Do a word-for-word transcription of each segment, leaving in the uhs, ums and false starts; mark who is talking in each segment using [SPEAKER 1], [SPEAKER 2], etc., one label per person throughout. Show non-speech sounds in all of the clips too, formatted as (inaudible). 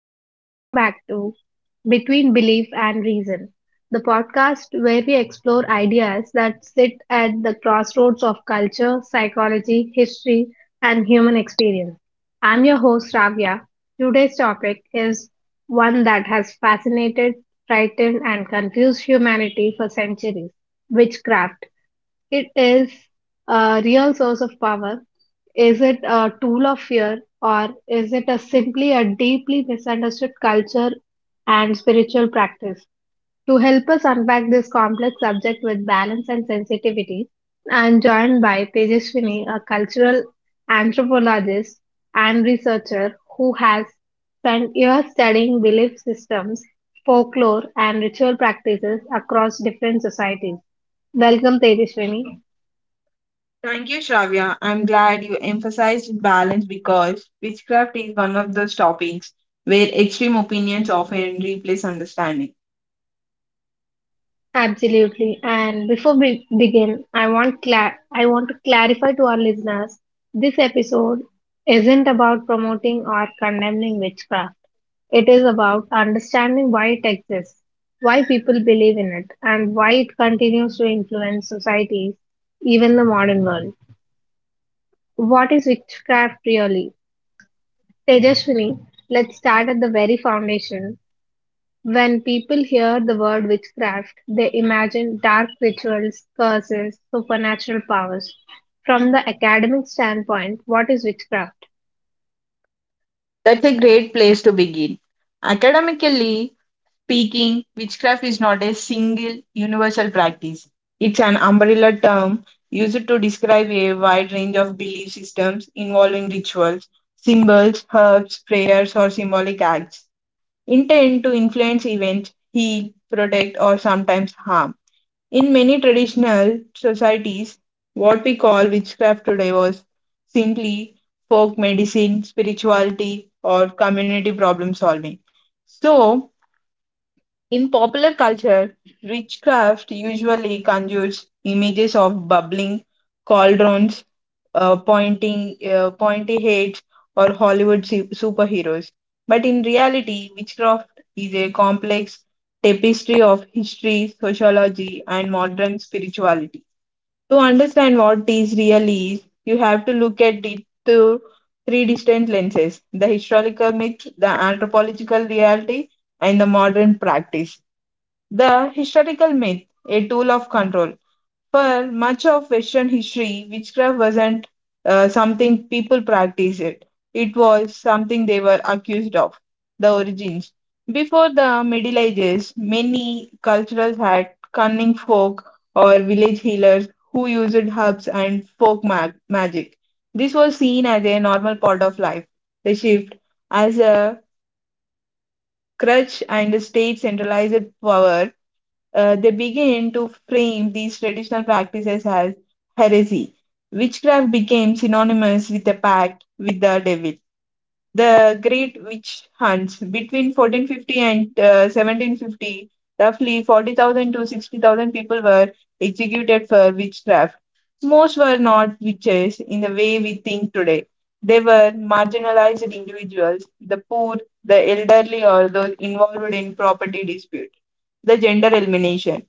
[SPEAKER 1] and welcome back to Between Belief and Reason, the podcast where we explore ideas that sit at the crossroads of culture, psychology, history, and human experience. I'm your host, Ravya. Today's topic is one that has fascinated, frightened, and confused humanity for centuries: witchcraft. It is a real source of power. Is it a tool of fear, or is it a simply a deeply misunderstood culture and spiritual practice? To help us unpack this complex subject with balance and sensitivity, I'm joined by Tejaswini, a cultural anthropologist and researcher who has spent years studying belief systems, folklore, and ritual practices across different societies. Welcome, Tejaswini.
[SPEAKER 2] Thank you, Shravya. I'm glad you emphasized balance because witchcraft is one of those topics where extreme opinions often replace understanding.
[SPEAKER 1] Absolutely. And before we begin, I want cla- I want to clarify to our listeners, this episode isn't about promoting or condemning witchcraft. It is about understanding why it exists, why people believe in it, and why it continues to influence societies, even the modern world. What is witchcraft really? Tejaswini, let's start at the very foundation. When people hear the word witchcraft, they imagine dark rituals, curses, supernatural powers. From the academic standpoint, what is witchcraft?
[SPEAKER 2] That's a great place to begin. Academically speaking, witchcraft is not a single universal practice, it's an umbrella term used to describe a wide range of belief systems involving rituals, symbols, herbs, prayers, or symbolic acts intended to influence events, heal, protect, or sometimes harm. In many traditional societies, what we call witchcraft today was simply folk medicine, spirituality, or community problem solving. So, in popular culture, witchcraft usually conjures images of bubbling cauldrons, uh, pointing uh, pointy heads or Hollywood su- superheroes. But in reality, witchcraft is a complex tapestry of history, sociology, and modern spirituality. To understand what this really is, you have to look at it through three distinct lenses: the historical myth, the anthropological reality, and the modern practice. The historical myth, a tool of control. For much of Western history, witchcraft wasn't uh, something people practiced. it. It was something they were accused of. The origins. Before the Middle Ages, many cultures had cunning folk or village healers who used herbs and folk mag- magic. This was seen as a normal part of life. The shift as a crutch and a state centralized power, uh, they begin to frame these traditional practices as heresy. Witchcraft became synonymous with a pact with the devil. The great witch hunts between fourteen fifty and uh, seventeen fifty, roughly forty thousand to sixty thousand people were executed for witchcraft. Most were not witches in the way we think today. They were marginalized individuals, the poor, the elderly, or those involved in property dispute, the gender elimination.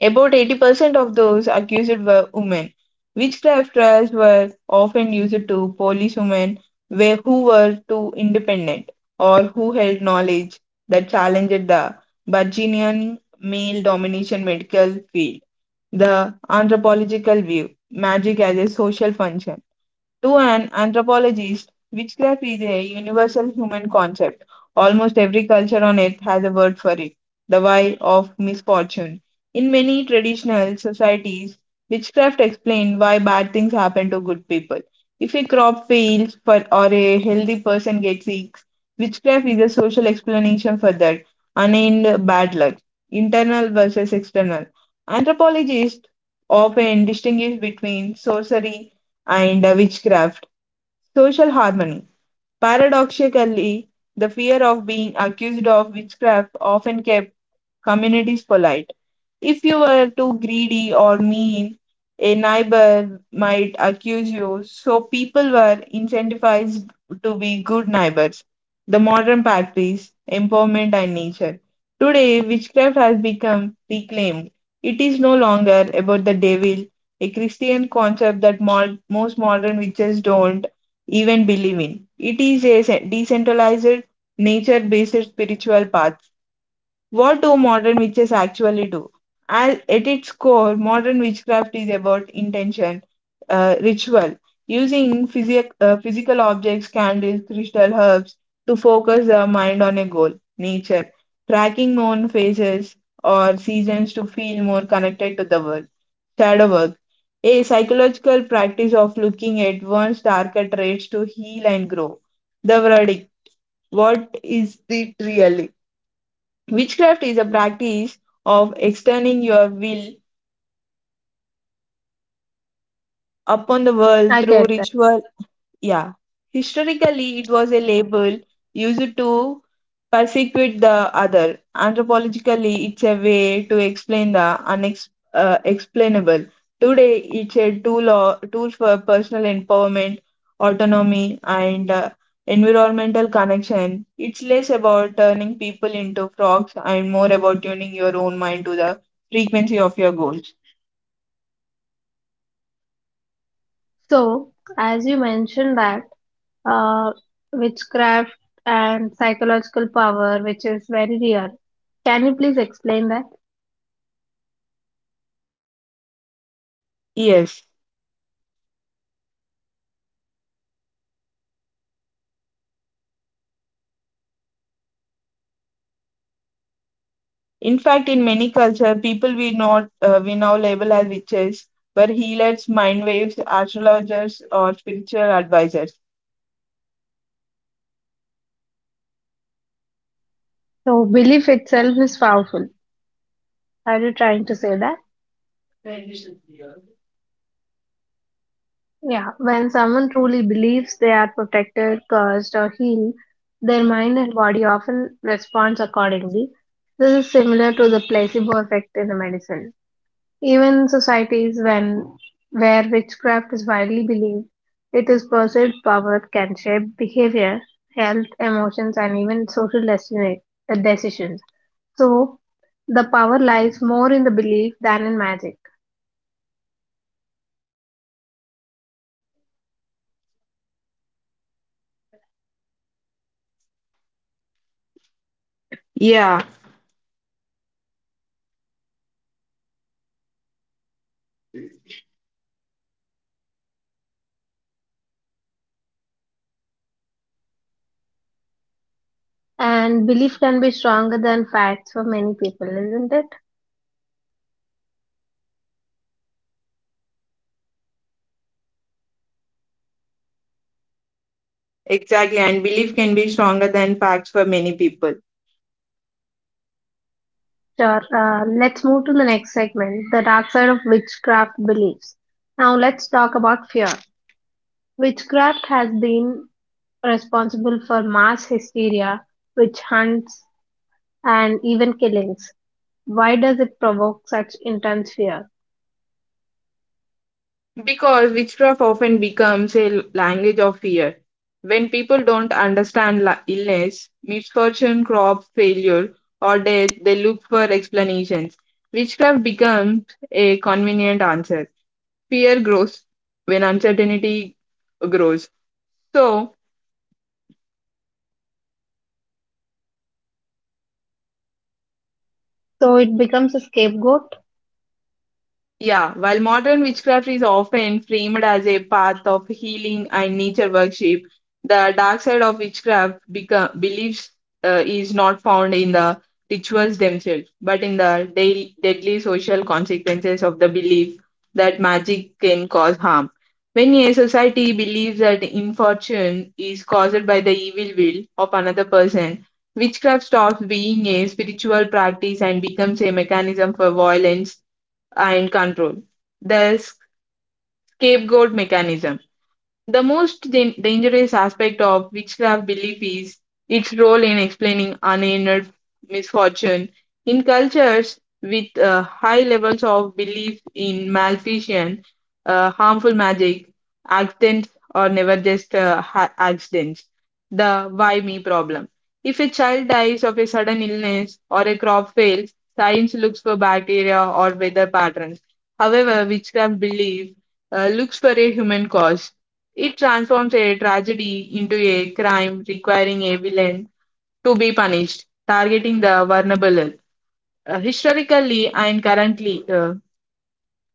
[SPEAKER 2] About eighty percent of those accused were women. Witchcraft trials were often used to police women where, who were too independent or who held knowledge that challenged the burgeoning male domination medical field. The anthropological view, magic as a social function. To an anthropologist, witchcraft is a universal human concept. Almost every culture on earth has a word for it, the why of misfortune. In many traditional societies, witchcraft explains why bad things happen to good people. If a crop fails for, or a healthy person gets sick, witchcraft is a social explanation for that unaided bad luck, internal versus external. Anthropologists often distinguish between sorcery and uh, witchcraft. Social harmony. Paradoxically, the fear of being accused of witchcraft often kept communities polite. If you were too greedy or mean, a neighbor might accuse you. So people were incentivized to be good neighbors. The modern practice, empowerment, and nature. Today, witchcraft has become reclaimed. It is no longer about the devil, a Christian concept that mo- most modern witches don't even believe in. It is a se- decentralized, nature based spiritual path. What do modern witches actually do? At at its core, modern witchcraft is about intention, uh, ritual, using physic- uh, physical objects, candles, crystal herbs to focus the mind on a goal; nature, tracking moon phases or seasons to feel more connected to the world; shadow work, a psychological practice of looking at one's darker traits to heal and grow. The verdict. What is it really? Witchcraft is a practice of extending your will upon the world
[SPEAKER 1] I
[SPEAKER 2] through
[SPEAKER 1] get that.
[SPEAKER 2] ritual. Yeah. Historically, it was a label used to persecute the other. Anthropologically, it's a way to explain the unex- uh, explainable. Today, it's a tool, or, tool for personal empowerment, autonomy, and uh, environmental connection. It's less about turning people into frogs and more about tuning your own mind to the frequency of your goals.
[SPEAKER 1] So, as you mentioned that uh, witchcraft and psychological power, which is very real, can you please explain that?
[SPEAKER 2] Yes. In fact, in many cultures, people we not uh, we now label as witches were healers, mind waves, astrologers, or spiritual advisors.
[SPEAKER 1] So, belief itself is powerful. Are you trying to say that? Yeah, when someone truly believes they are protected, cursed, or healed, their mind and body often responds accordingly. This is similar to the placebo effect in the medicine. Even in societies when where witchcraft is widely believed, it is perceived power can shape behavior, health, emotions, and even social destiny, uh, decisions. So, the power lies more in the belief than in magic.
[SPEAKER 2] Yeah,
[SPEAKER 1] And belief can be stronger than facts for many people, isn't it?
[SPEAKER 2] exactly. And belief can be stronger than facts for many people
[SPEAKER 1] Sure. Uh, let's move to the next segment, the dark side of witchcraft beliefs. Now let's talk about fear. Witchcraft has been responsible for mass hysteria, witch hunts, and even killings. Why does it provoke such intense fear?
[SPEAKER 2] because witchcraft often becomes a language of fear. When people don't understand la- illness, misfortune, crop failure, or death, they look for explanations. Witchcraft becomes a convenient answer. Fear grows when uncertainty grows. So,
[SPEAKER 1] So it becomes a scapegoat.
[SPEAKER 2] yeah, while modern witchcraft is often framed as a path of healing and nature worship, the dark side of witchcraft become, beliefs uh, is not found in the rituals themselves, but in the daily, deadly social consequences of the belief that magic can cause harm. When a society believes that infortune is caused by the evil will of another person, witchcraft stops being a spiritual practice and becomes a mechanism for violence and control. The scapegoat mechanism. The most dan- dangerous aspect of witchcraft belief is its role in explaining unhinged misfortune. In cultures with uh, high levels of belief in malfeasance, uh, harmful magic, accidents or never just uh, ha- accidents. The why me problem. If a child dies of a sudden illness or a crop fails, science looks for bacteria or weather patterns. However, witchcraft belief uh, looks for a human cause. It transforms a tragedy into a crime requiring a villain to be punished, targeting the vulnerable. Uh, historically and currently, uh,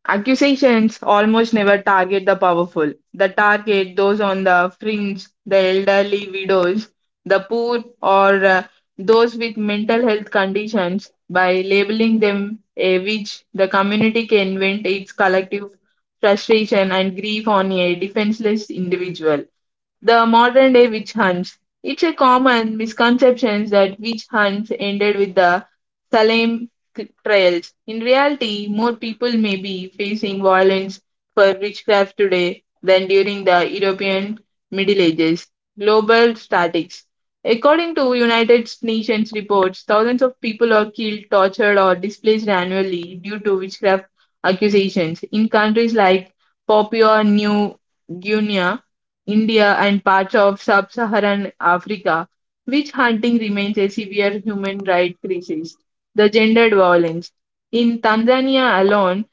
[SPEAKER 2] accusations almost never target the powerful. They target those on the fringe, the elderly widows, the poor, or uh, those with mental health conditions. By labeling them a witch, the community can vent its collective frustration and grief on a defenseless individual. The modern day witch hunts. It's a common misconception that witch hunts ended with the Salem c- trials. In reality, more people may be facing violence for witchcraft today than during the European Middle Ages. Global statistics. According to United Nations reports, thousands of people are killed, tortured, or displaced annually due to witchcraft accusations in countries like Papua New Guinea, India, and parts of sub Saharan Africa. Witch hunting remains a severe human rights crisis. The gendered violence. In Tanzania alone,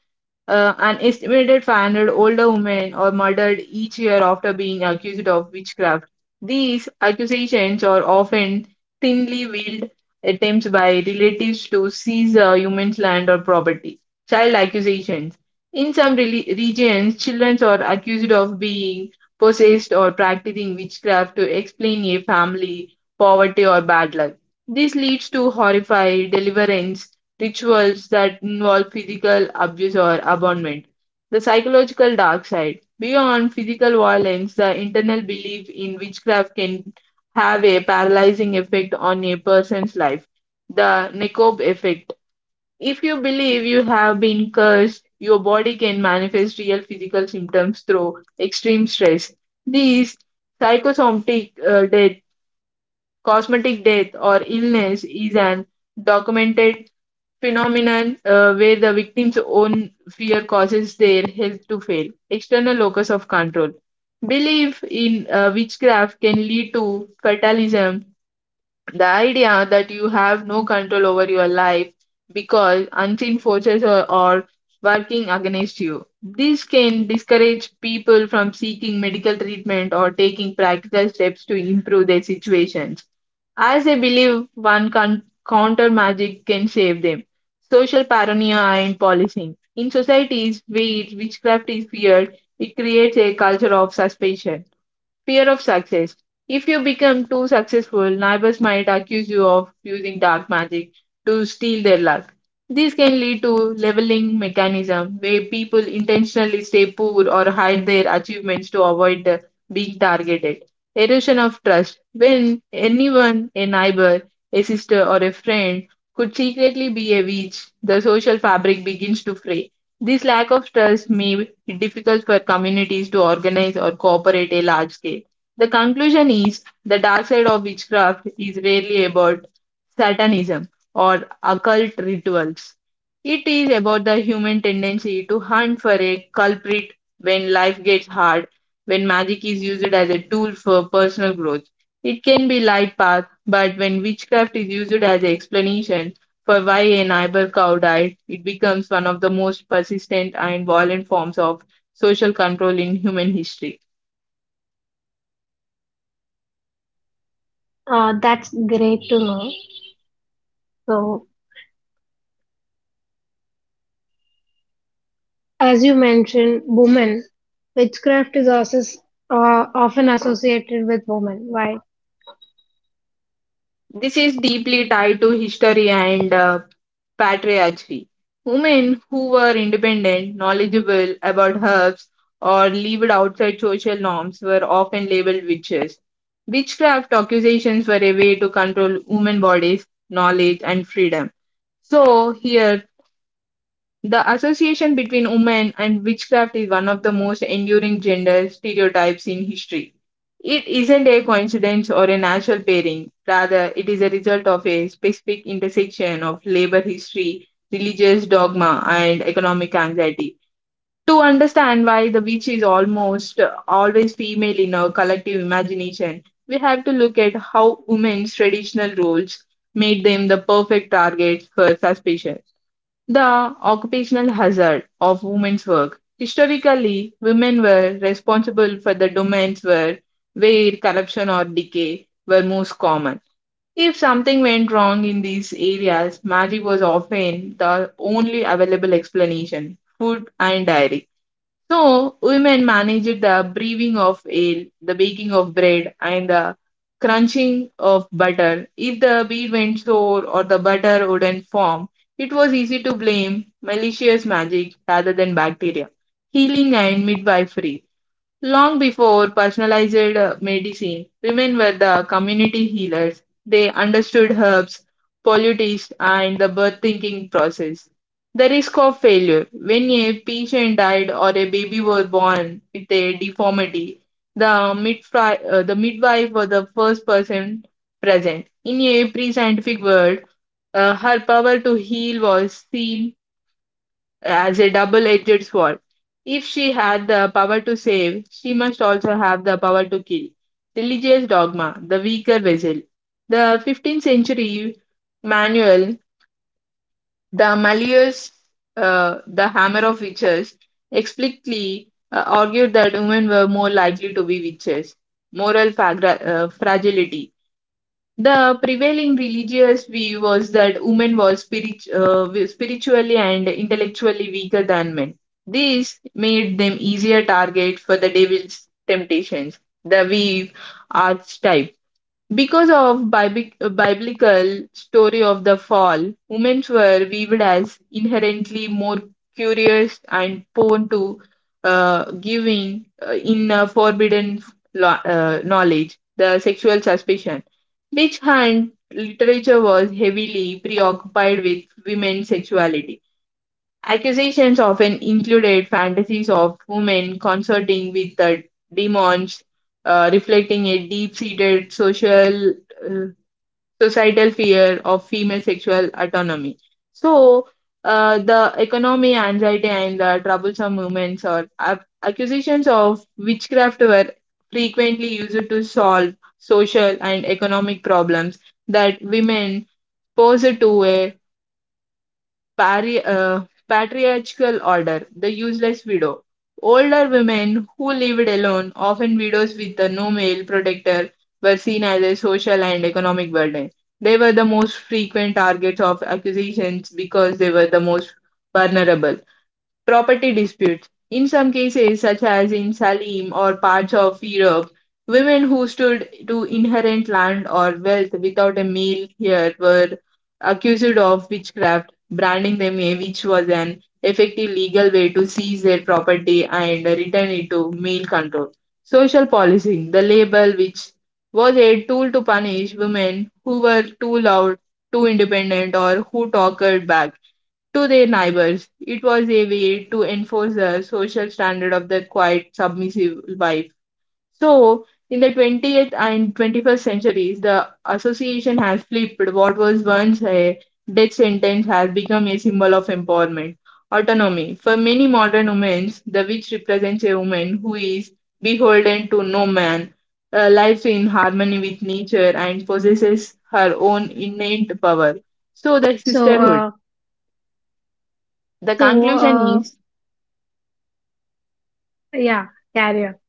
[SPEAKER 2] uh, an estimated five hundred older women are murdered each year after being accused of witchcraft. These accusations are often thinly veiled attempts by relatives to seize a human's land or property. Child accusations. In some reli- regions, children are accused of being possessed or practicing witchcraft to explain a family poverty or bad luck. This leads to horrified deliverance rituals that involve physical abuse or abandonment. The psychological dark side. Beyond physical violence, the internal belief in witchcraft can have a paralyzing effect on a person's life. The Nekob effect. If you believe you have been cursed, your body can manifest real physical symptoms through extreme stress. These psychosomatic, uh, cosmetic death or illness is an documented phenomenon uh, where the victim's own fear causes their health to fail. External locus of control. Belief in uh, witchcraft can lead to fatalism, the idea that you have no control over your life because unseen forces are, are working against you. This can discourage people from seeking medical treatment or taking practical steps to improve their situations. As they believe one con- counter magic can save them. Social paranoia and policing. In societies where witchcraft is feared, it creates a culture of suspicion. Fear of success. If you become too successful, neighbors might accuse you of using dark magic to steal their luck. This can lead to leveling mechanism where people intentionally stay poor or hide their achievements to avoid the- being targeted. Erosion of trust. When anyone, a neighbor, a sister, or a friend, could secretly be a witch, the social fabric begins to fray. This lack of trust may it difficult for communities to organize or cooperate a large scale. The conclusion is the dark side of witchcraft is rarely about satanism or occult rituals. It is about the human tendency to hunt for a culprit when life gets hard. When magic is used as a tool for personal growth, it can be light path, but when witchcraft is used as an explanation for why an eyebrow cow died, it becomes one of the most persistent and violent forms of social control in human history.
[SPEAKER 1] Uh, that's great to know. So, as you mentioned, women, witchcraft is also s- uh, often associated with women. Why?
[SPEAKER 2] This is deeply tied to history and uh, patriarchy. Women who were independent, knowledgeable about herbs, or lived outside social norms were often labeled witches. Witchcraft accusations were a way to control women bodies, knowledge, and freedom. So, here. The association between women and witchcraft is one of the most enduring gender stereotypes in history. It isn't a coincidence or a natural pairing, rather, it is a result of a specific intersection of labor history, religious dogma, and economic anxiety. To understand why the witch is almost always female in our collective imagination, we have to look at how women's traditional roles made them the perfect targets for suspicion. The occupational hazard of women's work. Historically, women were responsible for the domains where, where corruption or decay were most common. If something went wrong in these areas, magic was often the only available explanation food and dairy. So, women managed the brewing of ale, the baking of bread, and the crunching of butter. If the beer went sour or the butter wouldn't form, it was easy to blame malicious magic rather than bacteria. Healing and midwifery. Long before personalized uh, medicine, women were the community healers. They understood herbs, politics, and the birth thinking process. The risk of failure. When a patient died or a baby was born with a deformity, the, midfri- uh, the midwife was the first person present. In a pre scientific world, uh, her power to heal was seen as a double-edged sword. If she had the power to save, she must also have the power to kill. Religious dogma, the weaker vessel. The fifteenth century manual, the Malleus, uh, the Hammer of Witches, explicitly uh, argued that women were more likely to be witches. Moral fagra- uh, fragility. The prevailing religious view was that women were spirit, uh, spiritually and intellectually weaker than men. This made them easier target for the devil's temptations, the weave archetype. Because of Bibi- uh, biblical story of the fall, women were viewed as inherently more curious and prone to uh, giving uh, in uh, forbidden lo- uh, knowledge, the sexual suspicion. Which hand literature was heavily preoccupied with women's sexuality. Accusations often included fantasies of women consorting with the demons, uh, reflecting a deep seated social uh, societal fear of female sexual autonomy. So, uh, the economy, anxiety, and the troublesome movements or ac- accusations of witchcraft were frequently used to solve social and economic problems that women posed to a pari- uh, patriarchal order, the useless widow. Older women who lived alone, often widows with the no male protector, were seen as a social and economic burden. They were the most frequent targets of accusations because they were the most vulnerable. Property disputes. In some cases, such as in Salim or parts of Europe, women who stood to inherit land or wealth without a male heir were accused of witchcraft, branding them a witch was an effective legal way to seize their property and return it to male control. Social policing, the label which was a tool to punish women who were too loud, too independent, or who talked back to their neighbors. It was a way to enforce the social standard of the quiet, submissive wife. So, in the twentieth and twenty-first centuries, the association has flipped. What was once a death sentence has become a symbol of empowerment, autonomy. For many modern women, the witch represents a woman who is beholden to no man, uh, lives in harmony with nature, and possesses her own innate power. So, the
[SPEAKER 1] So,
[SPEAKER 2] sisterhood.
[SPEAKER 1] uh,
[SPEAKER 2] The
[SPEAKER 1] so
[SPEAKER 2] conclusion
[SPEAKER 1] uh,
[SPEAKER 2] is,
[SPEAKER 1] Yeah, career.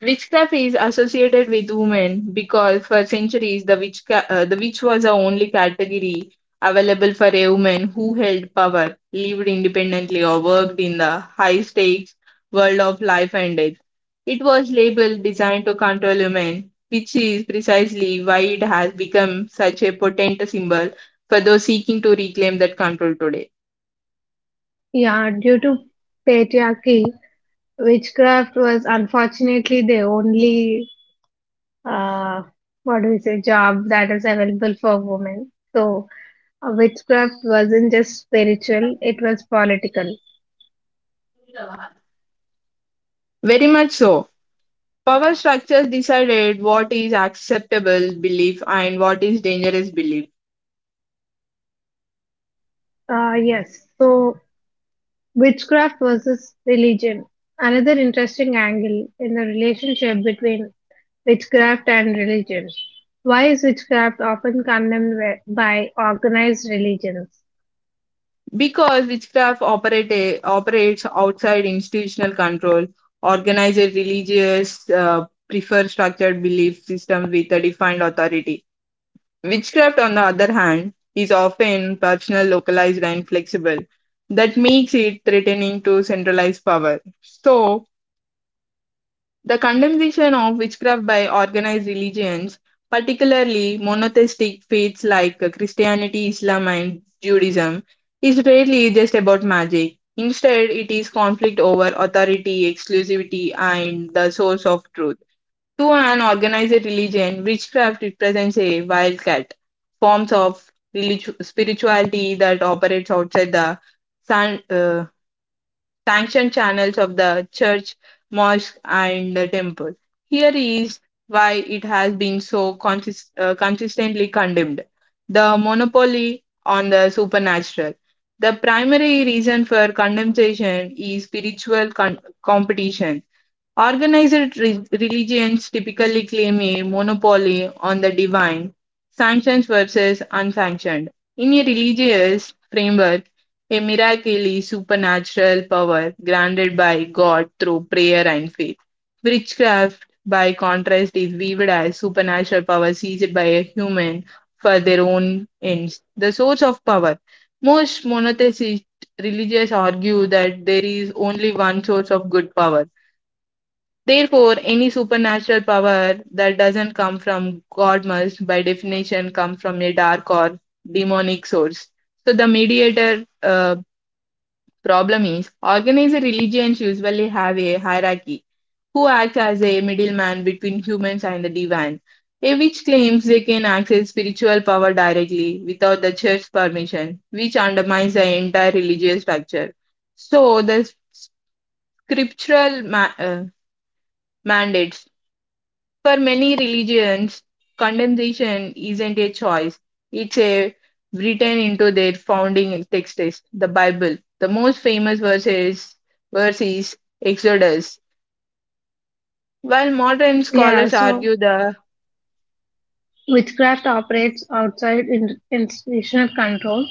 [SPEAKER 2] witchcraft is associated with women because for centuries the witch, ca- uh, the witch was the only category available for a woman who held power, lived independently, or worked in the high stakes world of life and death. It was labeled designed to control women, which is precisely why it has become such a potent symbol for those seeking to reclaim that control today.
[SPEAKER 1] Yeah, due to patriarchy, witchcraft was unfortunately the only, uh, what do we say, job that is available for women. So, uh, witchcraft wasn't just spiritual, it was political.
[SPEAKER 2] Very much so. Power structures decided what is acceptable belief and what is dangerous belief.
[SPEAKER 1] Uh, yes, so, witchcraft versus religion. Another interesting angle in the relationship between witchcraft and religion. Why is witchcraft often condemned by by organized religions?
[SPEAKER 2] Because witchcraft operate, operates outside institutional control, organized religious uh, prefer structured belief systems with a defined authority. Witchcraft, on the other hand, is often personal, localized, and flexible. That makes it threatening to centralized power. So, the condemnation of witchcraft by organized religions, particularly monotheistic faiths like Christianity, Islam, and Judaism, is rarely just about magic. Instead, it is conflict over authority, exclusivity, and the source of truth. To an organized religion, witchcraft represents a wildcat, forms of relig- spirituality that operates outside the san- uh, sanctioned channels of the church, mosque, and the temple. Here is why it has been so consist- uh, consistently condemned the monopoly on the supernatural. The primary reason for condemnation is spiritual con- competition. Organized re- religions typically claim a monopoly on the divine, sanctioned versus unsanctioned. In a religious framework, a miracle is supernatural power granted by God through prayer and faith. Witchcraft, by contrast, is viewed as supernatural power seized by a human for their own ends. The source of power. Most monotheistic religious argue that there is only one source of good power. Therefore, any supernatural power that doesn't come from God must, by definition, come from a dark or demonic source. So, the mediator uh, problem is organized religions usually have a hierarchy who acts as a middleman between humans and the divine, a which claims they can access spiritual power directly without the church's permission, which undermines the entire religious structure. So, the scriptural ma- uh, mandates. For many religions, condemnation isn't a choice, it's a written into their founding texts, the Bible. The most famous verses, verse is Exodus. While modern
[SPEAKER 1] Yeah,
[SPEAKER 2] scholars
[SPEAKER 1] so
[SPEAKER 2] argue the.
[SPEAKER 1] witchcraft operates outside in- institutional control.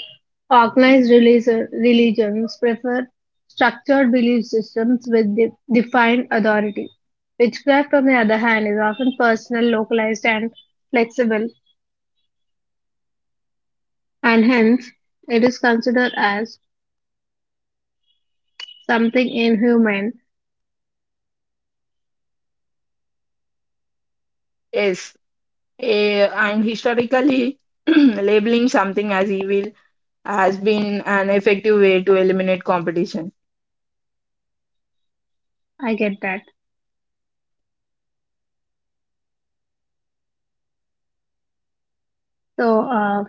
[SPEAKER 1] Organized religion, religions prefer structured belief systems with de- defined authority. Witchcraft, on the other hand, is often personal, localized, and flexible, and hence it is considered as something inhuman.
[SPEAKER 2] Yes, eh, and historically (clears throat) labeling something as evil has been an effective way to eliminate competition.
[SPEAKER 1] I get that. So, uh,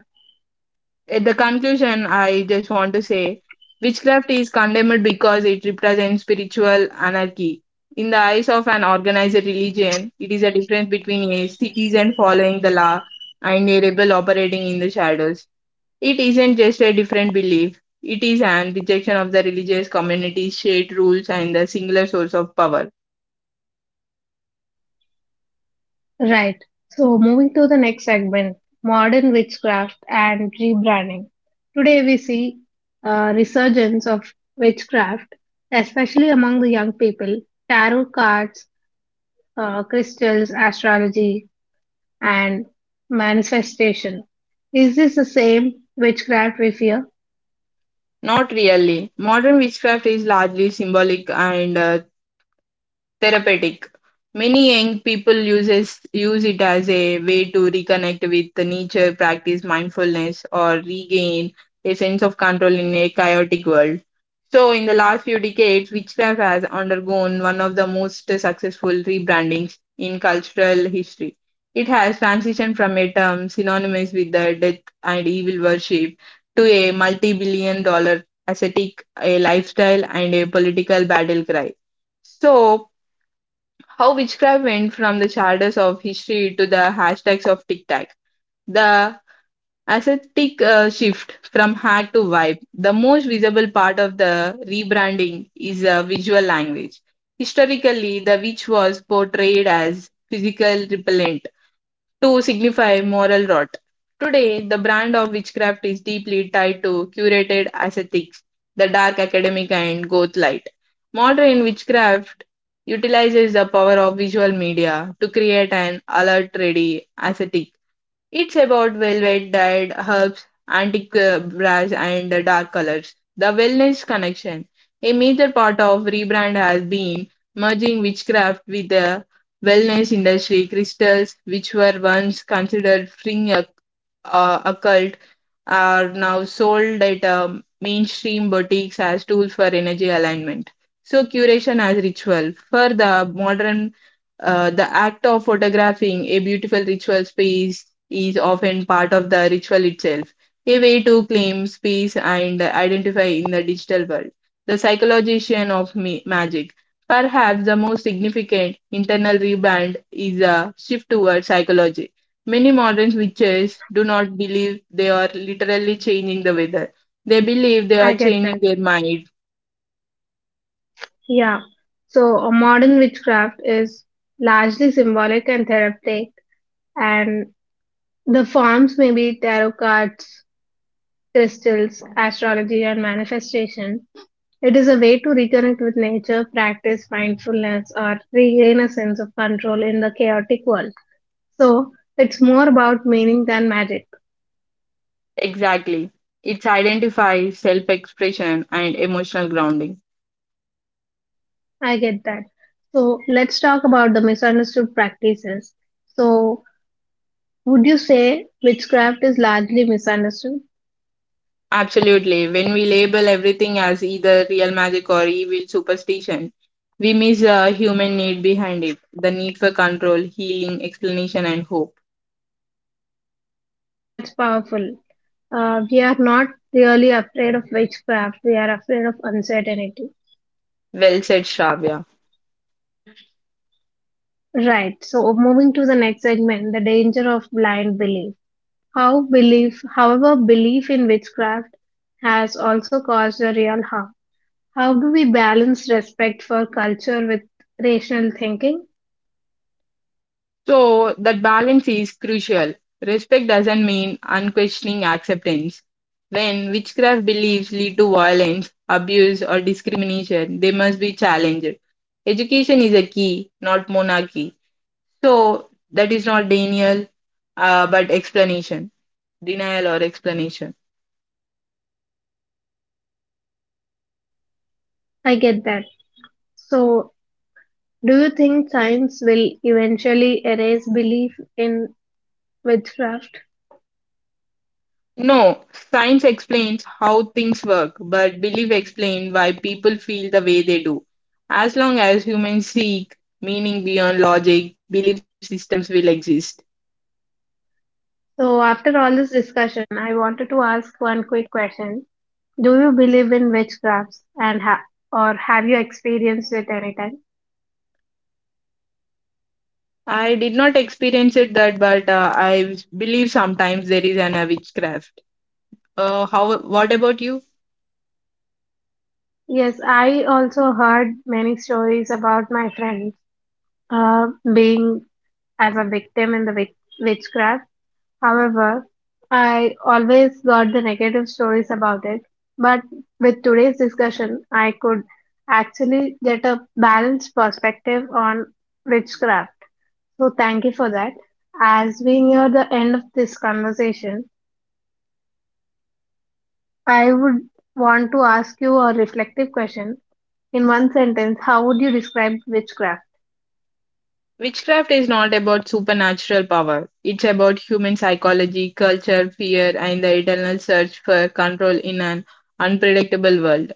[SPEAKER 2] At the conclusion, I just want to say witchcraft is condemned because it represents spiritual anarchy. In the eyes of an organized religion, it is a difference between a citizen following the law and a rebel operating in the shadows. It isn't just a different belief, it is an rejection of the religious community's shared rules and the singular source of power.
[SPEAKER 1] Right. So, moving to the next segment, modern witchcraft and rebranding. Today, we see a resurgence of witchcraft, especially among the young people. Tarot cards, uh, crystals, astrology, and manifestation. Is this the same witchcraft we fear?
[SPEAKER 2] Not really. Modern witchcraft is largely symbolic and uh, therapeutic. Many young people uses use it as a way to reconnect with the nature, practice mindfulness, or regain a sense of control in a chaotic world. So, in the last few decades, witchcraft has undergone one of the most successful rebrandings in cultural history. It has transitioned from a term synonymous with the death and evil worship to a multi billion dollar ascetic, a lifestyle, and a political battle cry. So, how witchcraft went from the shadows of history to the hashtags of TikTok. The aesthetic uh, shift from hack to vibe. The most visible part of the rebranding is a visual language. Historically, the witch was portrayed as physical repellent, to signify moral rot. Today, the brand of witchcraft is deeply tied to curated aesthetics, the dark academic and goth light. Modern witchcraft utilizes the power of visual media to create an alert ready aesthetic. It's about velvet, dyed herbs, antique uh, brass, and uh, dark colors. The wellness connection. A major part of rebrand has been merging witchcraft with the wellness industry. Crystals, which were once considered fringe occ- uh, occult, are now sold at um, mainstream boutiques as tools for energy alignment. So, curation as ritual. For the modern uh, the act of photographing a beautiful ritual space is often part of the ritual itself, a way to claim space and identify in the digital world. The psychologization of ma- magic. Perhaps the most significant internal rebrand is a shift towards psychology. Many modern witches do not believe they are literally changing the weather. They believe they are
[SPEAKER 1] I get
[SPEAKER 2] changing
[SPEAKER 1] that.
[SPEAKER 2] their mind.
[SPEAKER 1] Yeah. So, a modern witchcraft is largely symbolic and therapeutic, and the forms may be tarot cards, crystals, astrology, and manifestation. It is a way to reconnect with nature, practice mindfulness, or regain a sense of control in the chaotic world. So, it's more about meaning than magic.
[SPEAKER 2] Exactly. It identifies self expression and emotional grounding.
[SPEAKER 1] I get that. So, let's talk about the misunderstood practices. So, would you say witchcraft is largely misunderstood?
[SPEAKER 2] Absolutely. When we label everything as either real magic or evil superstition, we miss a human need behind it, the need for control, healing, explanation, and hope.
[SPEAKER 1] That's powerful. Uh, we are not really afraid of witchcraft, we are afraid of uncertainty.
[SPEAKER 2] Well said, Shravya.
[SPEAKER 1] Right. So moving to the next segment, the danger of blind belief. How belief, however, belief in witchcraft has also caused a real harm. How do we balance respect for culture with rational thinking?
[SPEAKER 2] So, that balance is crucial. Respect doesn't mean unquestioning acceptance. When witchcraft beliefs lead to violence, abuse, or discrimination, they must be challenged. Education is a key, not monarchy. So, that is not Daniel, uh, but explanation. Denial, or explanation.
[SPEAKER 1] I get that. So, do you think science will eventually erase belief in witchcraft?
[SPEAKER 2] No, science explains how things work, but belief explains why people feel the way they do. As long as humans seek meaning beyond logic, belief systems will exist.
[SPEAKER 1] So after all this discussion, I wanted to ask one quick question. Do you believe in witchcrafts and ha- or have you experienced it anytime?
[SPEAKER 2] I did not experience it that, but uh, I believe sometimes there is an uh, witchcraft. Uh, how? What about you?
[SPEAKER 1] Yes, I also heard many stories about my friends uh, being as a victim in the wic- witchcraft. However, I always got the negative stories about it. But with today's discussion, I could actually get a balanced perspective on witchcraft. So thank you for that. As we near the end of this conversation, I would want to ask you a reflective question. In one sentence, how would you describe witchcraft?
[SPEAKER 2] Witchcraft is not about supernatural power. It's about human psychology, culture, fear, and the eternal search for control in an unpredictable world.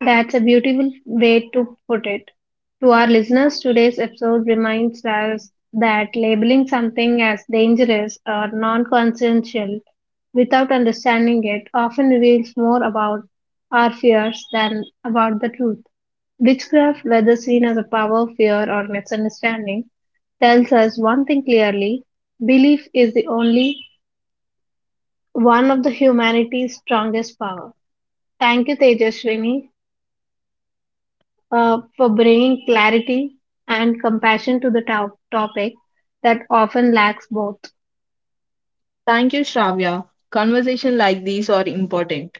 [SPEAKER 1] That's a beautiful way to put it. To our listeners, today's episode reminds us that labeling something as dangerous or non consensual without understanding it often reveals more about our fears than about the truth. Witchcraft, whether seen as a power, fear, or misunderstanding, tells us one thing clearly: belief is the only one of the humanity's strongest power. Thank you, Tejaswini, uh, for bringing clarity and compassion to the to- topic that often lacks both.
[SPEAKER 2] Thank you, Shravya. Conversations like these are important.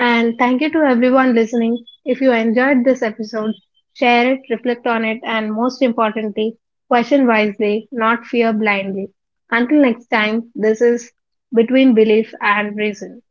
[SPEAKER 1] And thank you to everyone listening. If you enjoyed this episode, share it, reflect on it, and most importantly, question wisely, not fear blindly. Until next time, this is Between Belief and Reason.